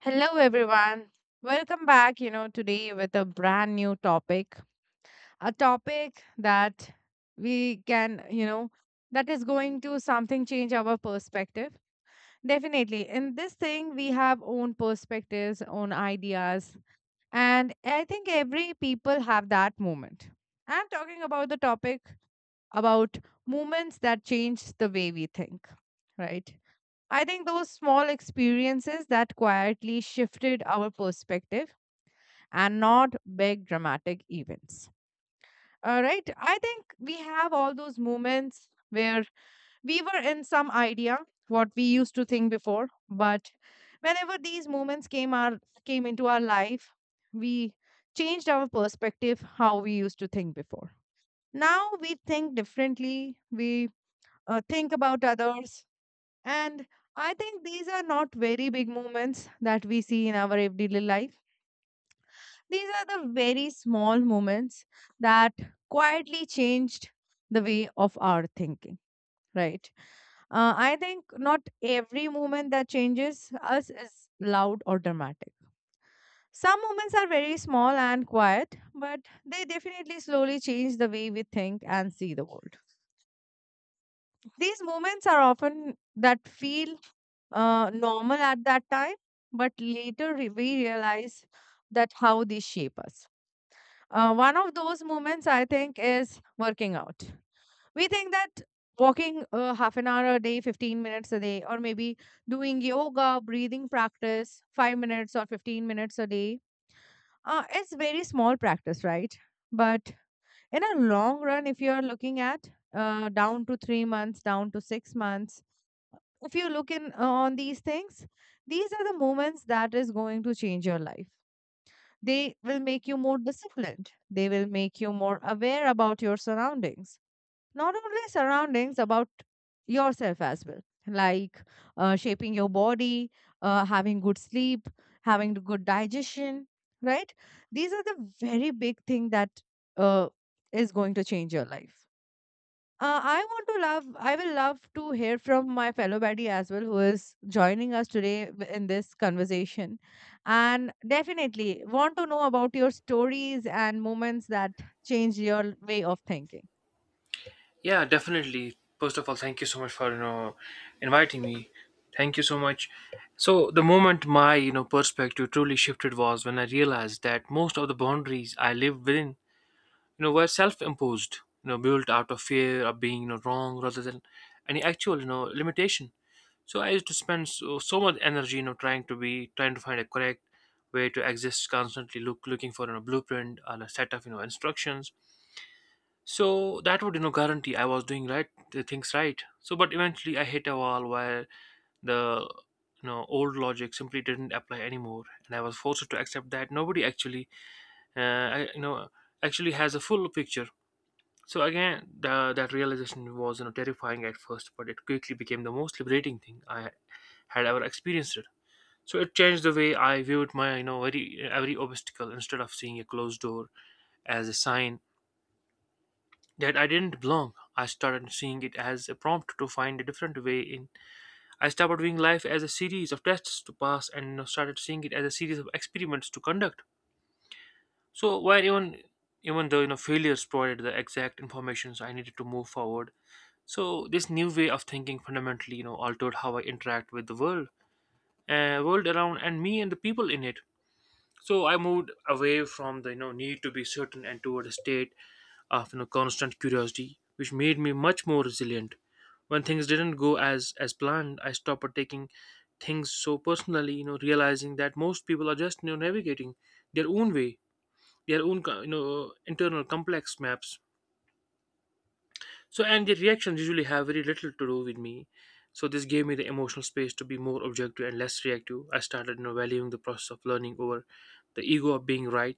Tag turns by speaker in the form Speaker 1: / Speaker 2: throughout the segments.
Speaker 1: Hello, everyone. Welcome back, you know, today with a brand new topic, a topic that we can, you know, that is going to something change our perspective. Definitely. In this thing, we have own perspectives, own ideas. And I think every people have that moment. I'm talking about the topic about moments that change the way we think, right? I think those small experiences that quietly shifted our perspective and not big dramatic events. All right. I think we have all those moments where we were in some idea what we used to think before, but whenever these moments came our came into our life, we changed our perspective how we used to think before. Now we think differently. We think about others, and I think these are not very big moments that we see in our everyday life. These are the very small moments that quietly changed the way of our thinking, right? I think not every moment that changes us is loud or dramatic. Some moments are very small and quiet, but they definitely slowly change the way we think and see the world. These moments are often that feel normal at that time, but later we realize that how they shape us. One of those moments, I think, is working out. We think that walking half an hour a day, 15 minutes a day, or maybe doing yoga, breathing practice, 5 minutes or 15 minutes a day, is very small practice, right? But in a long run, if you are looking at down to 3 months, down to 6 months, if you look in on these things, these are the moments that is going to change your life. They will make you more disciplined. They will make you more aware about your surroundings. Not only surroundings, about yourself as well, like shaping your body, having good sleep, having the good digestion, right? These are the very big thing that uh, is going to change your life. I will love to hear from my fellow baddie as well, who is joining us today in this conversation. And definitely want to know about your stories and moments that changed your way of thinking.
Speaker 2: Yeah, definitely. First of all, thank you so much for inviting me. Thank you so much. So the moment my perspective truly shifted was when I realized that most of the boundaries I lived within were self-imposed, built out of fear of being wrong rather than any actual limitation. So I used to spend so, so much energy trying to find a correct way to exist, constantly looking for blueprint and a set of instructions so that would guarantee I was doing right the things right, so but eventually I hit a wall where the old logic simply didn't apply anymore, and I was forced to accept that nobody actually I, you know actually has a full picture. So again, that realization was terrifying at first, but it quickly became the most liberating thing I had ever experienced it. So it changed the way I viewed my very every obstacle. Instead of seeing a closed door as a sign that I didn't belong, I started seeing it as a prompt to find a different way in. I stopped viewing life as a series of tests to pass and started seeing it as a series of experiments to conduct. So while even even though failures provided the exact information I needed to move forward. So this new way of thinking fundamentally, altered how I interact with world around, and me and the people in it. So I moved away from the need to be certain and toward a state of constant curiosity, which made me much more resilient. When things didn't go as planned, I stopped taking things so personally. Realizing that most people are just navigating their own way, their own internal complex maps, so and the reactions usually have very little to do with me. So, this gave me the emotional space to be more objective and less reactive. I started valuing the process of learning over the ego of being right,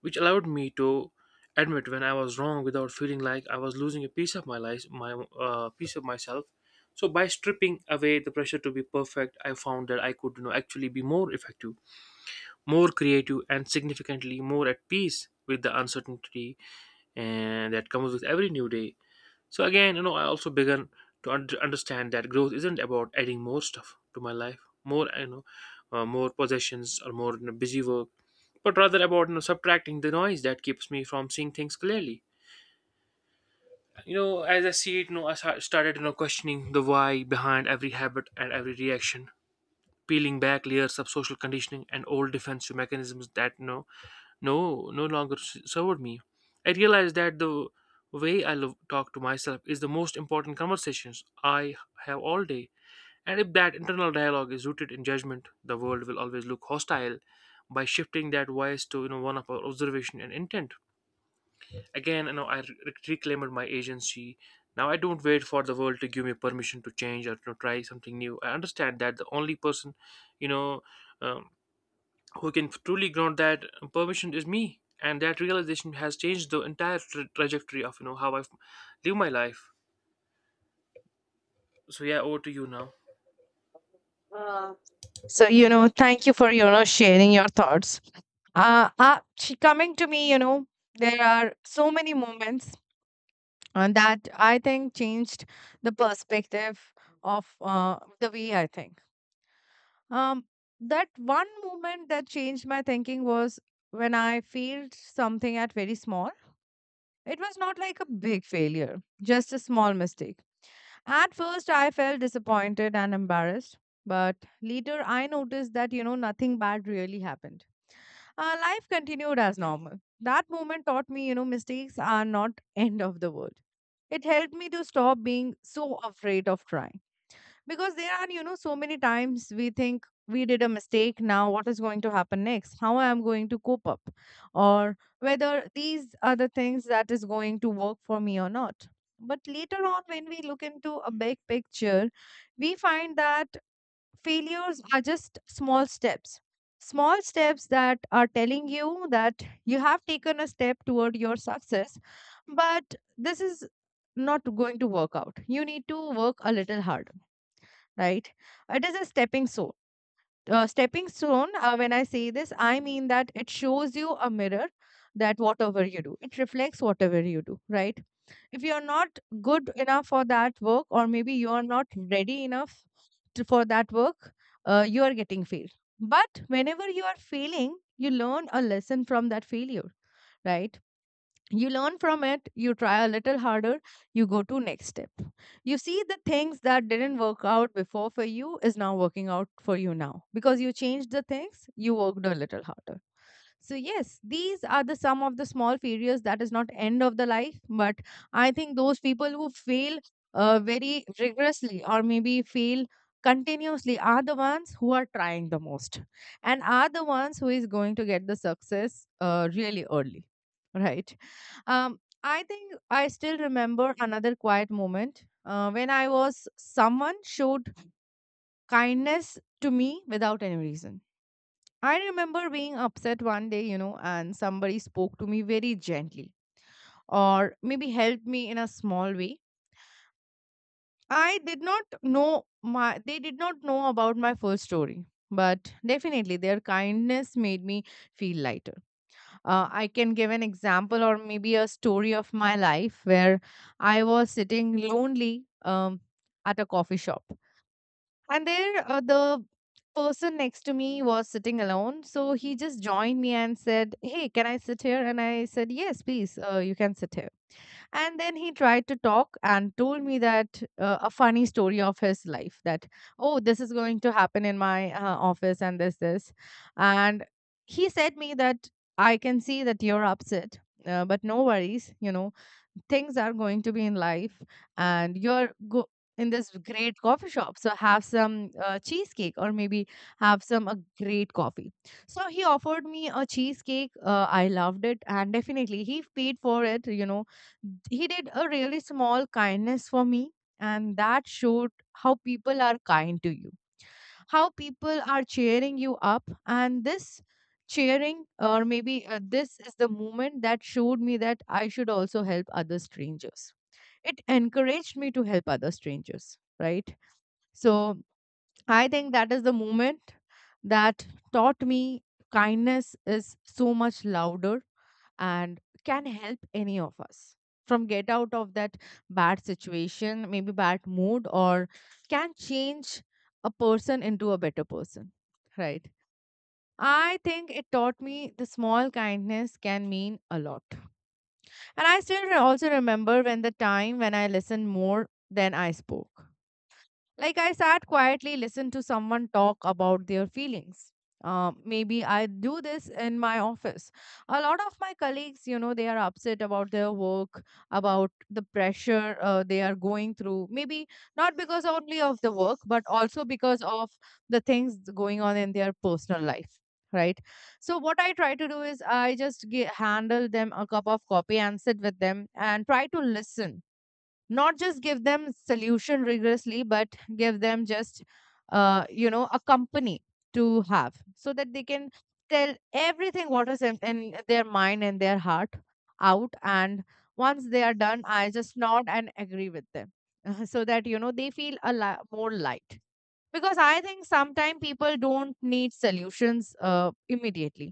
Speaker 2: which allowed me to admit when I was wrong without feeling like I was losing a piece of my life, my piece of myself. So, by stripping away the pressure to be perfect, I found that I could actually be more effective, more creative, and significantly more at peace with the uncertainty and that comes with every new day. So again, I also began to understand that growth isn't about adding more stuff to my life, more possessions or more busy work, but rather about subtracting the noise that keeps me from seeing things clearly. As I see it, I started questioning the why behind every habit and every reaction, peeling back layers of social conditioning and old defensive mechanisms that no longer served me. I realized that the way I talk to myself is the most important conversations I have all day. And if that internal dialogue is rooted in judgment, the world will always look hostile. By shifting that voice to one of observation and intent, again I reclaimed my agency. Now I don't wait for the world to give me permission to change or to try something new. I understand that the only person, you know, um, who can truly ground that permission is me, and that realization has changed the entire trajectory of how I live my life. So yeah, over to you now.
Speaker 1: Uh, So, you know, thank you for, you know, sharing your thoughts. Coming to me, you know, there are so many moments that I think changed the perspective of the way I think. Um, that one moment that changed my thinking was when I failed something at very small. It was not like a big failure, just a small mistake. At first, I felt disappointed and embarrassed. But later, I noticed that, you know, nothing bad really happened. Life continued as normal. That moment taught me, you know, mistakes are not end of the world. It helped me to stop being so afraid of trying, because there are, you know, so many times we think we did a mistake. Now what is going to happen next? How I am going to cope up? Or whether these are the things that is going to work for me or not. But later on, when we look into a big picture, we find that failures are just small steps. Small steps that are telling you that you have taken a step toward your success, but this is not going to work out, you need to work a little harder, right? It is a stepping stone. Stepping stone, when I say this, I mean that it shows you a mirror that whatever you do, it reflects whatever you do, right? If you're not good enough for that work, or maybe you are not ready enough to, for that work, you are getting failed. But whenever you are failing, you learn a lesson from that failure, right? You learn from it, you try a little harder, you go to next step. You see the things that didn't work out before for you is now working out for you now, because you changed the things, you worked a little harder. So yes, these are the sum of the small failures. That is not end of the life, but I think those people who fail very rigorously, or maybe fail continuously, are the ones who are trying the most, and are the ones who is going to get the success really early, right? I think I still remember another quiet moment when I was someone showed kindness to me without any reason. I remember being upset one day, you know, and somebody spoke to me very gently, or maybe helped me in a small way. I did not know my they did not know about my first story, but definitely their kindness made me feel lighter. I can give an example, or maybe a story of my life, where I was sitting lonely at a coffee shop. And there, the person next to me was sitting alone. So he just joined me and said, "Hey, can I sit here?" And I said, "Yes, please, you can sit here." And then he tried to talk and told me that a funny story of his life, that, oh, this is going to happen in my office and this, this. And he said me that, "I can see that you're upset. But no worries, you know, things are going to be in life and you're go in this great coffee shop, so have some cheesecake, or maybe have some a great coffee." So he offered me a cheesecake, I loved it, and definitely he paid for it, you know. He did a really small kindness for me, and that showed how people are kind to you, how people are cheering you up. And this cheering, or maybe this is the moment that showed me that I should also help other strangers. It encouraged me to help other strangers, right? So I think that is the moment that taught me kindness is so much louder and can help any of us from get out of that bad situation, maybe bad mood, or can change a person into a better person, right? I think it taught me the small kindness can mean a lot. And also remember when the time when I listened more than I spoke. Like I sat quietly, listened to someone talk about their feelings. Maybe I do this in my office. A lot of my colleagues, you know, they are upset about their work, about the pressure they are going through. Maybe not because only of the work, but also because of the things going on in their personal life, right? So, what I try to do is handle them a cup of coffee and sit with them and try to listen, not just give them solution rigorously, but give them just you know, a company to have, so that they can tell everything what is in their mind and their heart out. And once they are done, I just nod and agree with them so that, you know, they feel a more light, because I think sometimes people don't need solutions immediately.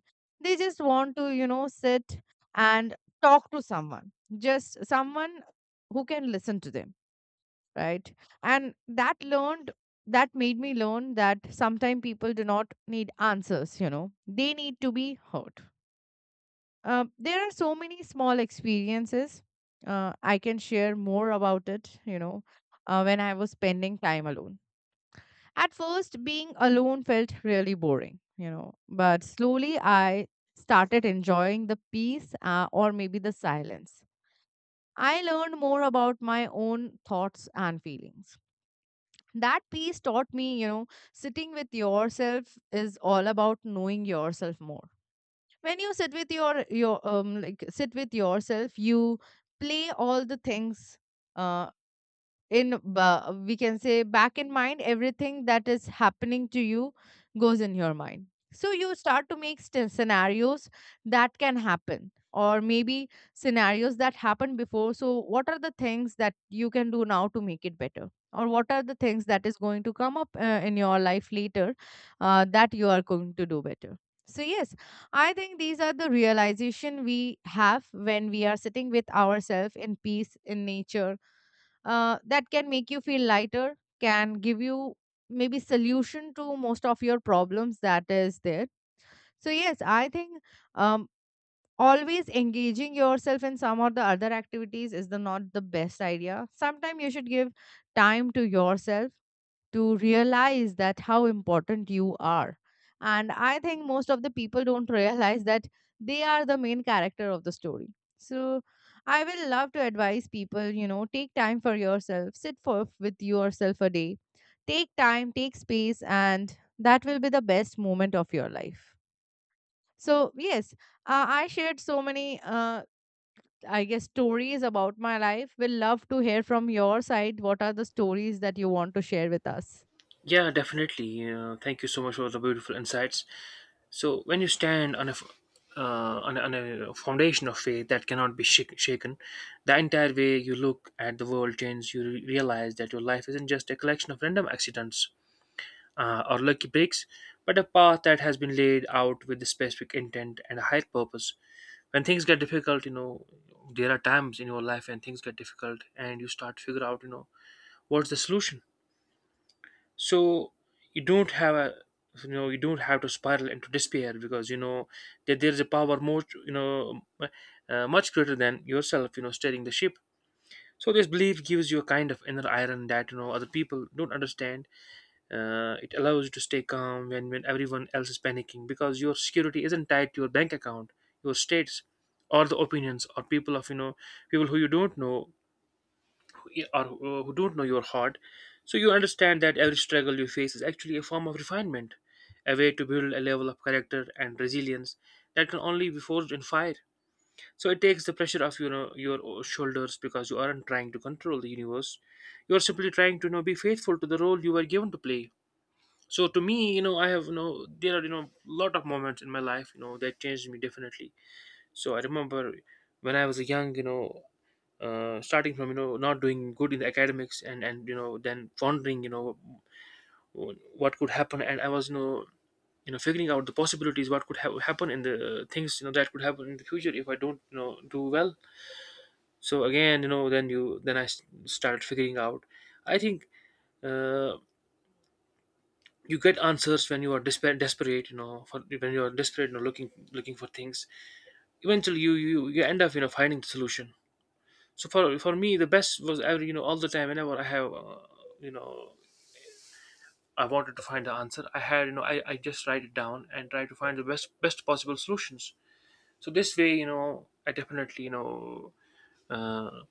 Speaker 1: They just want to, you know, sit and talk to someone, just someone who can listen to them, right? And that learned that made me learn that sometimes people do not need answers, you know, they need to be heard. There are so many small experiences, I can share more about it, you know. When I was spending time alone, at first, being alone felt really boring, you know, but slowly I started enjoying the peace, or maybe the silence. I learned more about my own thoughts and feelings. That piece taught me, you know, sitting with yourself is all about knowing yourself more. When you sit with your like sit with yourself, you play all the things. Uh, we can say back in mind everything that is happening to you goes in your mind, so you start to make scenarios that can happen, or maybe scenarios that happened before. So what are the things that you can do now to make it better, or what are the things that is going to come up in your life later that you are going to do better. So yes, I think these are the realization we have when we are sitting with ourselves in peace, in nature, that can make you feel lighter, can give you maybe solution to most of your problems that is there. So yes, I think um, always engaging yourself in some or the other activities is the not the best idea. Sometimes you should give time to yourself, to realize that how important you are. And I think most of the people don't realize that they are the main character of the story. So I will love to advise people, you know, take time for yourself, sit for with yourself a day, take time, take space, and that will be the best moment of your life. So, yes, I shared so many, I guess, stories about my life. Will love to hear from your side. What are the stories that you want to share with us?
Speaker 2: Yeah, definitely. Thank you so much for the beautiful insights. So when you stand on a f- on a foundation of faith that cannot be shaken, the entire way you look at the world changes. You realize that your life isn't just a collection of random accidents, or lucky breaks, but a path that has been laid out with a specific intent and a higher purpose. When things get difficult, there are times in your life when things get difficult, and you start to figure out, what's the solution. So you don't have a you know you don't have to spiral into despair, because you know that there is a power more you know much greater than yourself, steering the ship. So this belief gives you a kind of inner iron that other people don't understand. It allows you to stay calm when everyone else is panicking, because your security isn't tied to your bank account, your states, or the opinions or people of people who you don't know, who- or who who don't know your heart. So you understand that every struggle you face is actually a form of refinement, a way to build a level of character and resilience that can only be forged in fire. So it takes the pressure off your shoulders, because you aren't trying to control the universe. You are simply trying to be faithful to the role you were given to play. So to me, I have you know there are lot of moments in my life that changed me definitely. So I remember when I was young, starting from not doing good in the academics, and then wondering what could happen. And I was figuring out the possibilities, what could happen in the things that could happen in the future if I don't do well. So again, then you then I started figuring out. I think uh, you get answers when you are desperate, you know for when you are desperate looking for things, eventually you you end up finding the solution. So for me the best was ever, all the time, whenever I have you know I wanted to find the answer, I had you know I just write it down and try to find the best possible solutions. So this way, I definitely uh,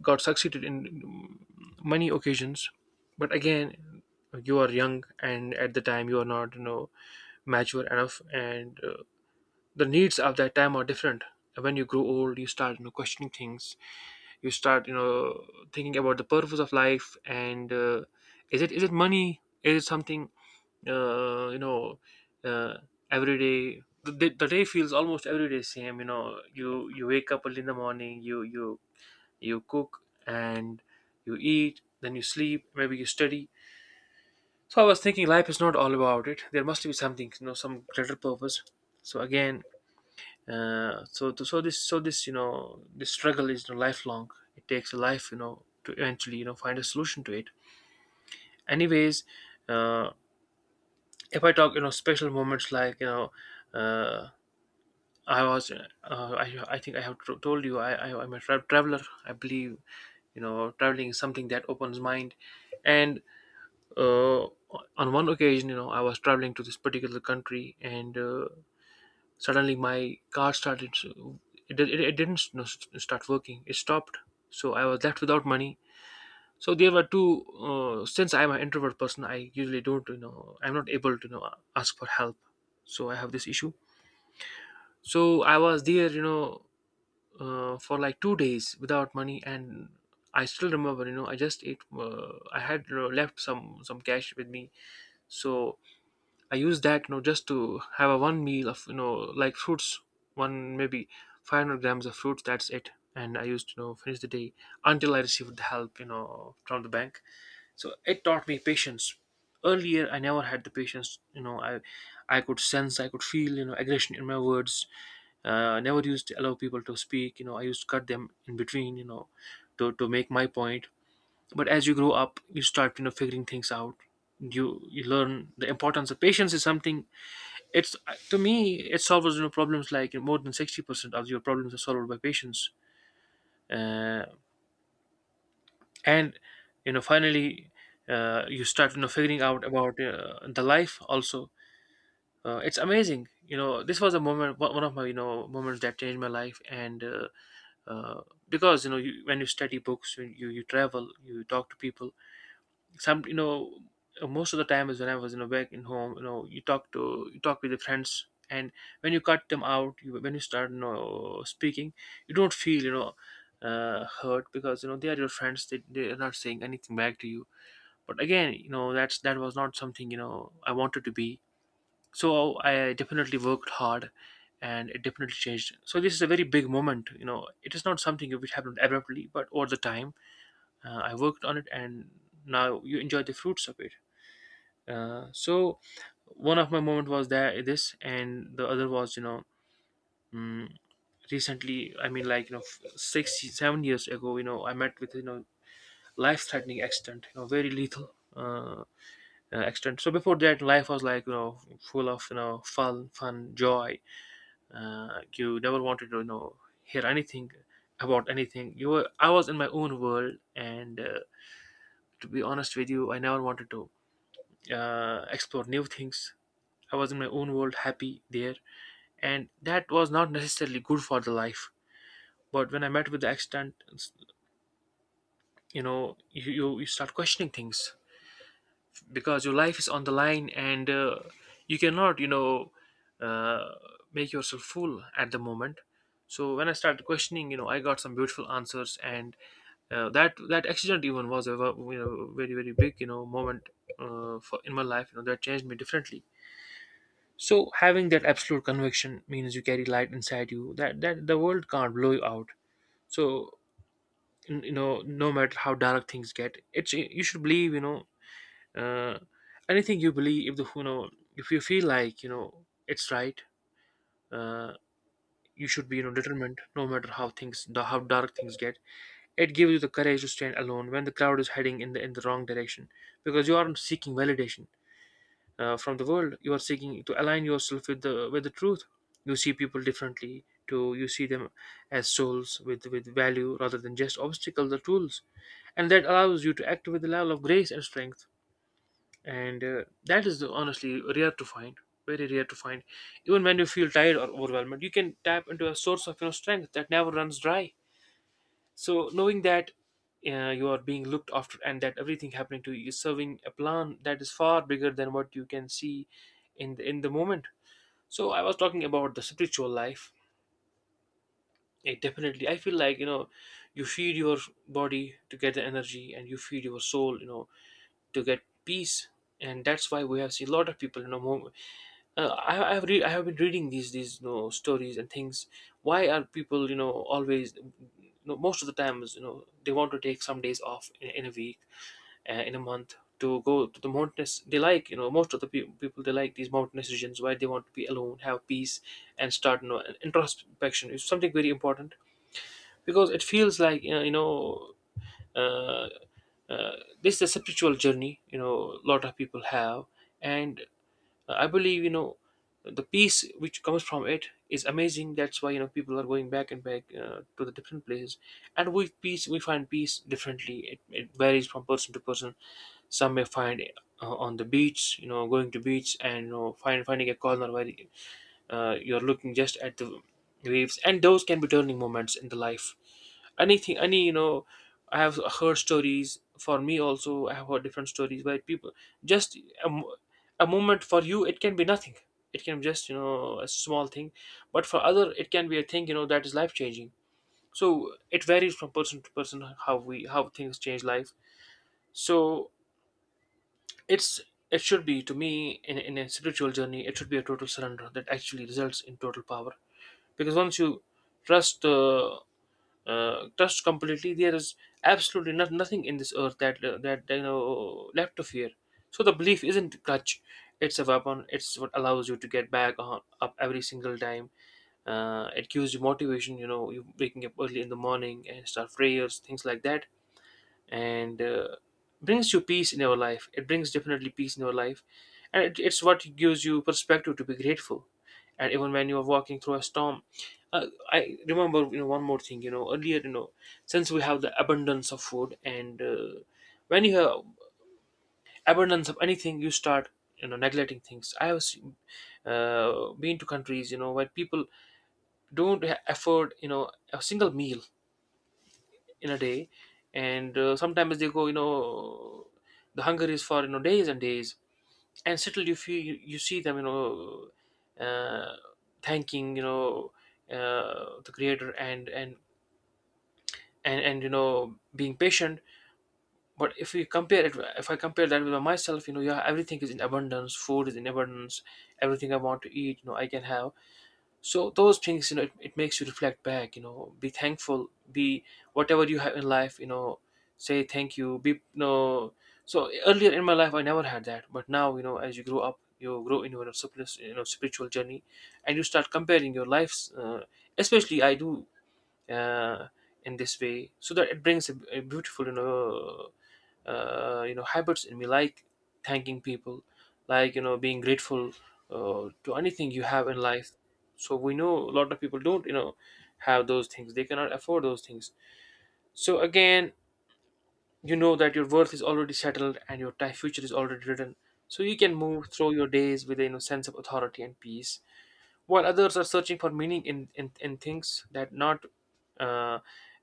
Speaker 2: got succeeded in many occasions. But again, you are young, and at the time you are not mature enough, and the needs of that time are different. When you grow old, you start questioning things. You start thinking about the purpose of life. And is it money, is it something? Uh, you know uh, every day, the, day the day feels almost every day same, you wake up early in the morning, you cook and you eat, then you sleep, maybe you study. So I was thinking life is not all about it. There must be something, some greater purpose. So again, so th- so this you know this struggle is, lifelong. It takes a life, to eventually find a solution to it. Anyways, uh, if I talk special moments like uh, I think I have told you, I'm a traveler. I believe traveling is something that opens mind. And uh, on one occasion, I was traveling to this particular country, and suddenly my car started. So it didn't start working, it stopped. So I was left without money. So there were two, since I'm an introvert person, I'm not able to ask for help. So I have this issue. So I was there, for like 2 days without money. And I still remember, I just ate I had, left some cash with me. So I use that, just to have a one meal of fruits, one maybe 500 grams of fruits. That's it. And I used to finish the day until I received the help from the bank. So it taught me patience. Earlier, I never had the patience. I could sense, I could feel aggression in my words. I never used to allow people to speak. I used to cut them in between. To make my point, but as you grow up you start figuring things out. You learn the importance of patience is something, it's to me it solves problems. Like, more than 60% of your problems are solved by patience. Uh, and you know Finally, you start figuring out about the life also. It's amazing. This was a moment, one of my moments that changed my life. And uh, because when you study books, when you travel, you talk to people, some you know most of the time is when I was back in home, you talk to you talk with your friends. And when you cut them out, when you start speaking, you don't feel, hurt, because they are your friends. They are not saying anything back to you. But again, that was not something I wanted to be. So I definitely worked hard, and it definitely changed. So this is a very big moment. It is not something which happened abruptly, but over the time I worked on it, and now you enjoy the fruits of it. So one of my moment was that this, and the other was mm, recently. I mean, 6 7 years ago, I met with life threatening accident, very lethal accident. So before that, life was like full of fun, fun, joy. You never wanted to hear anything about anything. You were I was in my own world, and to be honest with you, I never wanted to explore new things. I was in my own world, happy there, and that was not necessarily good for the life. But when I met with the accident, you know, you start questioning things, because your life is on the line, and you cannot, uh, make yourself fool at the moment. So when I started questioning, you know, I got some beautiful answers, and that accident even was a you know very very big moment for in my life. You know that changed me differently. So having that absolute conviction means you carry light inside you, that the world can't blow you out. So you know, no matter how dark things get, it's you should believe. You know, uh, anything you believe, if you feel like it's right, uh, you should be determined. No matter how dark things get, it gives you the courage to stand alone when the crowd is heading in the wrong direction, because you aren't seeking validation from the world. You are seeking to align yourself with the truth. You see people differently to you see them as souls with value, rather than just obstacles or tools. And that allows you to act with a level of grace and strength, and that is honestly rare to find. Very rare to find. Even when you feel tired or overwhelmed, you can tap into a source of strength that never runs dry. So knowing that you are being looked after, and that everything happening to you is serving a plan that is far bigger than what you can see in in the moment. So I was talking about the spiritual life. It definitely, I feel like, you feed your body to get the energy, and you feed your soul, you know, to get peace. And that's why we have seen a lot of people, you know, more, I have been reading these you know, stories and things. Why are people always most of the times they want to take some days off in a week, in a month, to go to the mountainous. They like, most of the people, they like these mountainous regions where they want to be alone, have peace, and start, an introspection is something very important, because it feels like, uh, uh, this is a spiritual journey a lot of people have. And I believe, the peace which comes from it is amazing. That's why people are going back and back to the different places. And with peace, we find peace differently. It varies from person to person. Some may find it on the beach, you know, going to beach and finding a corner where you're looking just at the waves. And those can be turning moments in the life. Anything, any you know I have heard stories, for me also I have heard different stories where people just, a, mo- a moment for you, it can be nothing. It can be just a small thing, but for other it can be a thing that is life changing. So it varies from person to person how we how things change life. So it's it should be, to me, in a spiritual journey, it should be a total surrender that actually results in total power. Because once you trust, trust completely, there is absolutely nothing in this earth that, left to fear. So the belief isn't crutch, it's a weapon. It's what allows you to get up every single time. It gives you motivation. You know, you waking up early in the morning and start prayers, things like that. And brings you peace in your life. It brings definitely peace in your life. And it's what gives you perspective to be grateful, and even when you are walking through a storm. I remember, one more thing, earlier, since we have the abundance of food, and when you have abundance of anything, you start neglecting things. I have seen, been to countries where people don't afford a single meal in a day. And sometimes they go, the hunger is for days and days, and still you feel, you see them, uh, thanking, the creator, and and being patient. But if we compare it, if I compare that with myself, you know, yeah, everything is in abundance, food is in abundance, everything I want to eat, I can have. So those things, it makes you reflect back, you know, be thankful, be whatever you have in life, you know, say thank you, be you know so earlier in my life I never had that. But now, as you grow up, you grow in your spiritual, spiritual journey, and you start comparing your lives, especially I do, uh, in this way, so that it brings a beautiful habits in me, like thanking people, like, being grateful to anything you have in life. So we know a lot of people don't, have those things, they cannot afford those things. So again, that your worth is already settled, and your time future is already written. So you can move through your days with a, you know, sense of authority and peace, while others are searching for meaning in in things that not uh,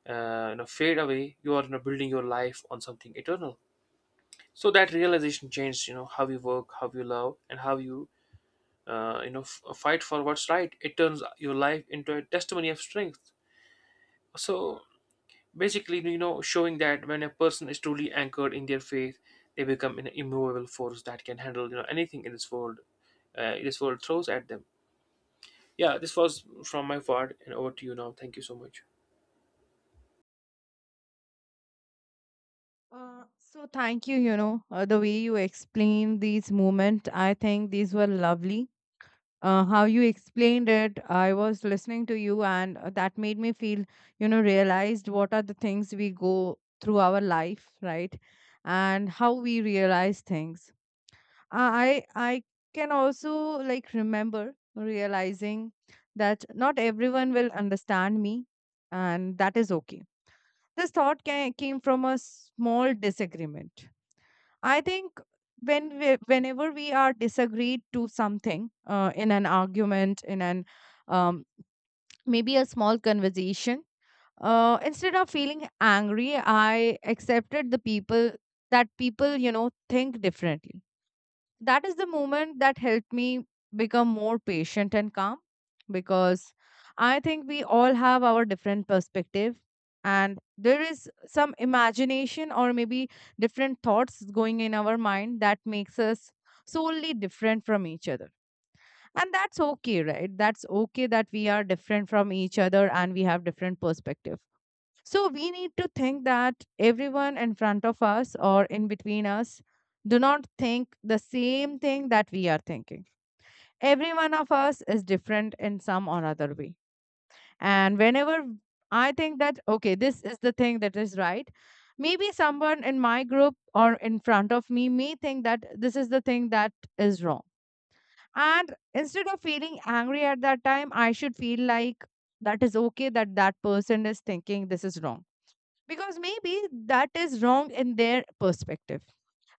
Speaker 2: you know, fade away. You are, you know, building your life on something eternal. So that realization changed, you know, how you work, how you love, and how you fight for what's right. It turns your life into a testimony of strength. So basically, showing that when a person is truly anchored in their faith, they become an immovable force that can handle, anything in this world, this world throws at them. Yeah, this was from my part, and over to you now. Thank you so much.
Speaker 1: So thank you, the way you explained these movement, I think these were lovely. How you explained it, I was listening to you, and that made me feel, you know, realized what are the things we go through our life, right? And how we realize things. I can also like remember realizing that not everyone will understand me, and that is okay. This thought came from a small disagreement. I think whenever we are disagreed to something in an argument, in an um, maybe a small conversation, instead of feeling angry, I accepted the people that people, you know, think differently. That is the moment that helped me become more patient and calm, because I think we all have our different perspective, and there is some imagination or maybe different thoughts going in our mind that makes us solely different from each other. And that's okay, right? That's okay that we are different from each other and we have different perspective. So we need to think that everyone in front of us or in between us do not think the same thing that we are thinking. Every one of us is different in some or other way. And whenever I think that, okay, this is the thing that is right, maybe someone in my group or in front of me may think that this is the thing that is wrong. And instead of feeling angry at that time, I should feel like that is okay, that that person is thinking this is wrong, because maybe that is wrong in their perspective,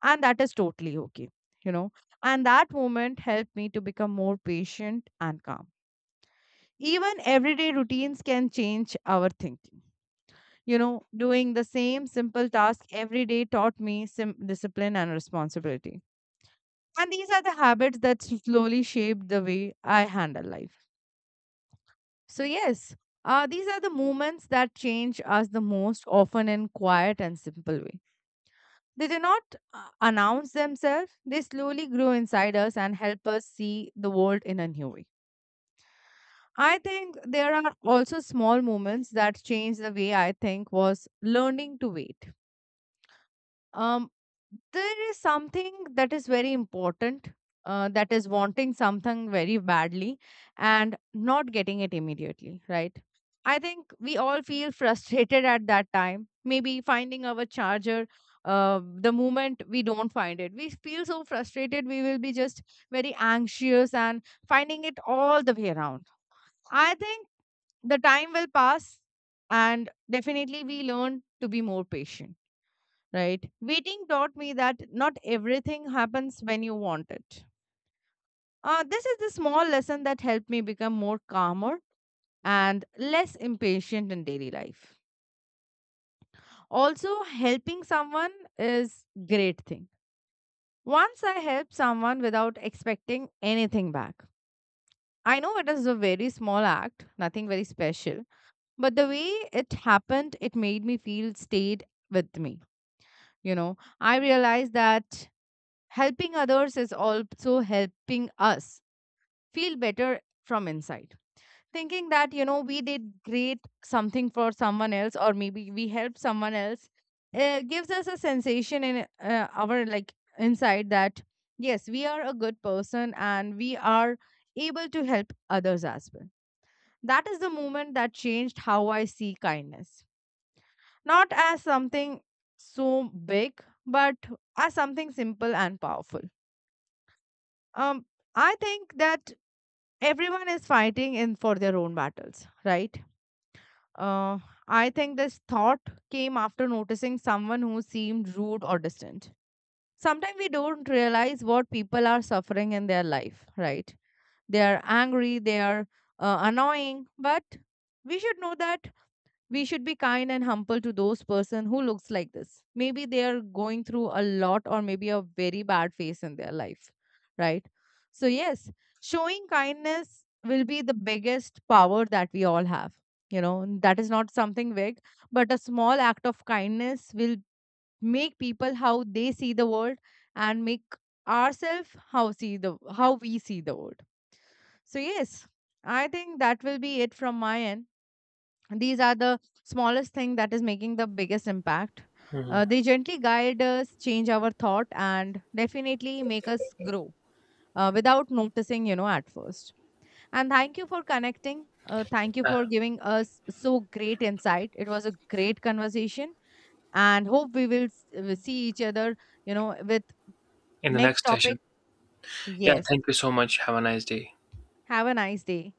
Speaker 1: and that is totally okay, you know. And that moment helped me to become more patient and calm. Even everyday routines can change our thinking. You know, doing the same simple task every day taught me discipline and responsibility, and these are the habits that slowly shaped the way I handle life. So yes, these are the moments that change us the most, often in quiet and simple ways. They do not announce themselves, they slowly grow inside us and help us see the world in a new way. I think there are also small moments that change the way I think was learning to wait. Um, there is something that is very important, that is wanting something very badly and not getting it immediately, right? I think we all feel frustrated at that time. Maybe finding our charger, the moment we don't find it, we feel so frustrated. We will be just very anxious and finding it all the way around. I think the time will pass, and definitely we learn to be more patient, right? Waiting taught me that not everything happens when you want it. This is the small lesson that helped me become more calmer and less impatient in daily life. Also, helping someone is great thing. Once I helped someone without expecting anything back. I know it is a very small act, nothing very special, but the way it happened, it made me feel, stayed with me. You know, I realized that helping others is also helping us feel better from inside. Thinking that, you know, we did great something for someone else, or maybe we helped someone else, gives us a sensation in our like inside that yes, we are a good person and we are able to help others as well. That is the moment that changed how I see kindness, not as something so big, but as something simple and powerful. um I think that everyone is fighting in for their own battles, right? Uh, I think this thought came after noticing someone who seemed rude or distant. Sometimes we don't realize what people are suffering in their life, right? They are angry, they are annoying, but we should know that we should be kind and humble to those person who looks like this. Maybe they are going through a lot, or maybe a very bad phase in their life, right? So yes, showing kindness will be the biggest power that we all have, you know. And that is not something big, but a small act of kindness will make people how they see the world, and make ourselves how see the, how we see the world. So yes, I think that will be it from my end. These are the smallest thing that is making the biggest impact. Uh,
Speaker 2: Mhm.
Speaker 1: they gently guide us, change our thought, and definitely make us grow without noticing, you know, at first. And thank you for connecting, thank you
Speaker 2: uh,
Speaker 1: for giving us so great insight, it was a great conversation. And hope we will see each other, you know, with
Speaker 2: in the
Speaker 1: next
Speaker 2: next session.
Speaker 1: topic.
Speaker 2: Yeah,
Speaker 1: Yes.
Speaker 2: thank you so much, have a nice day.
Speaker 1: Have a nice day.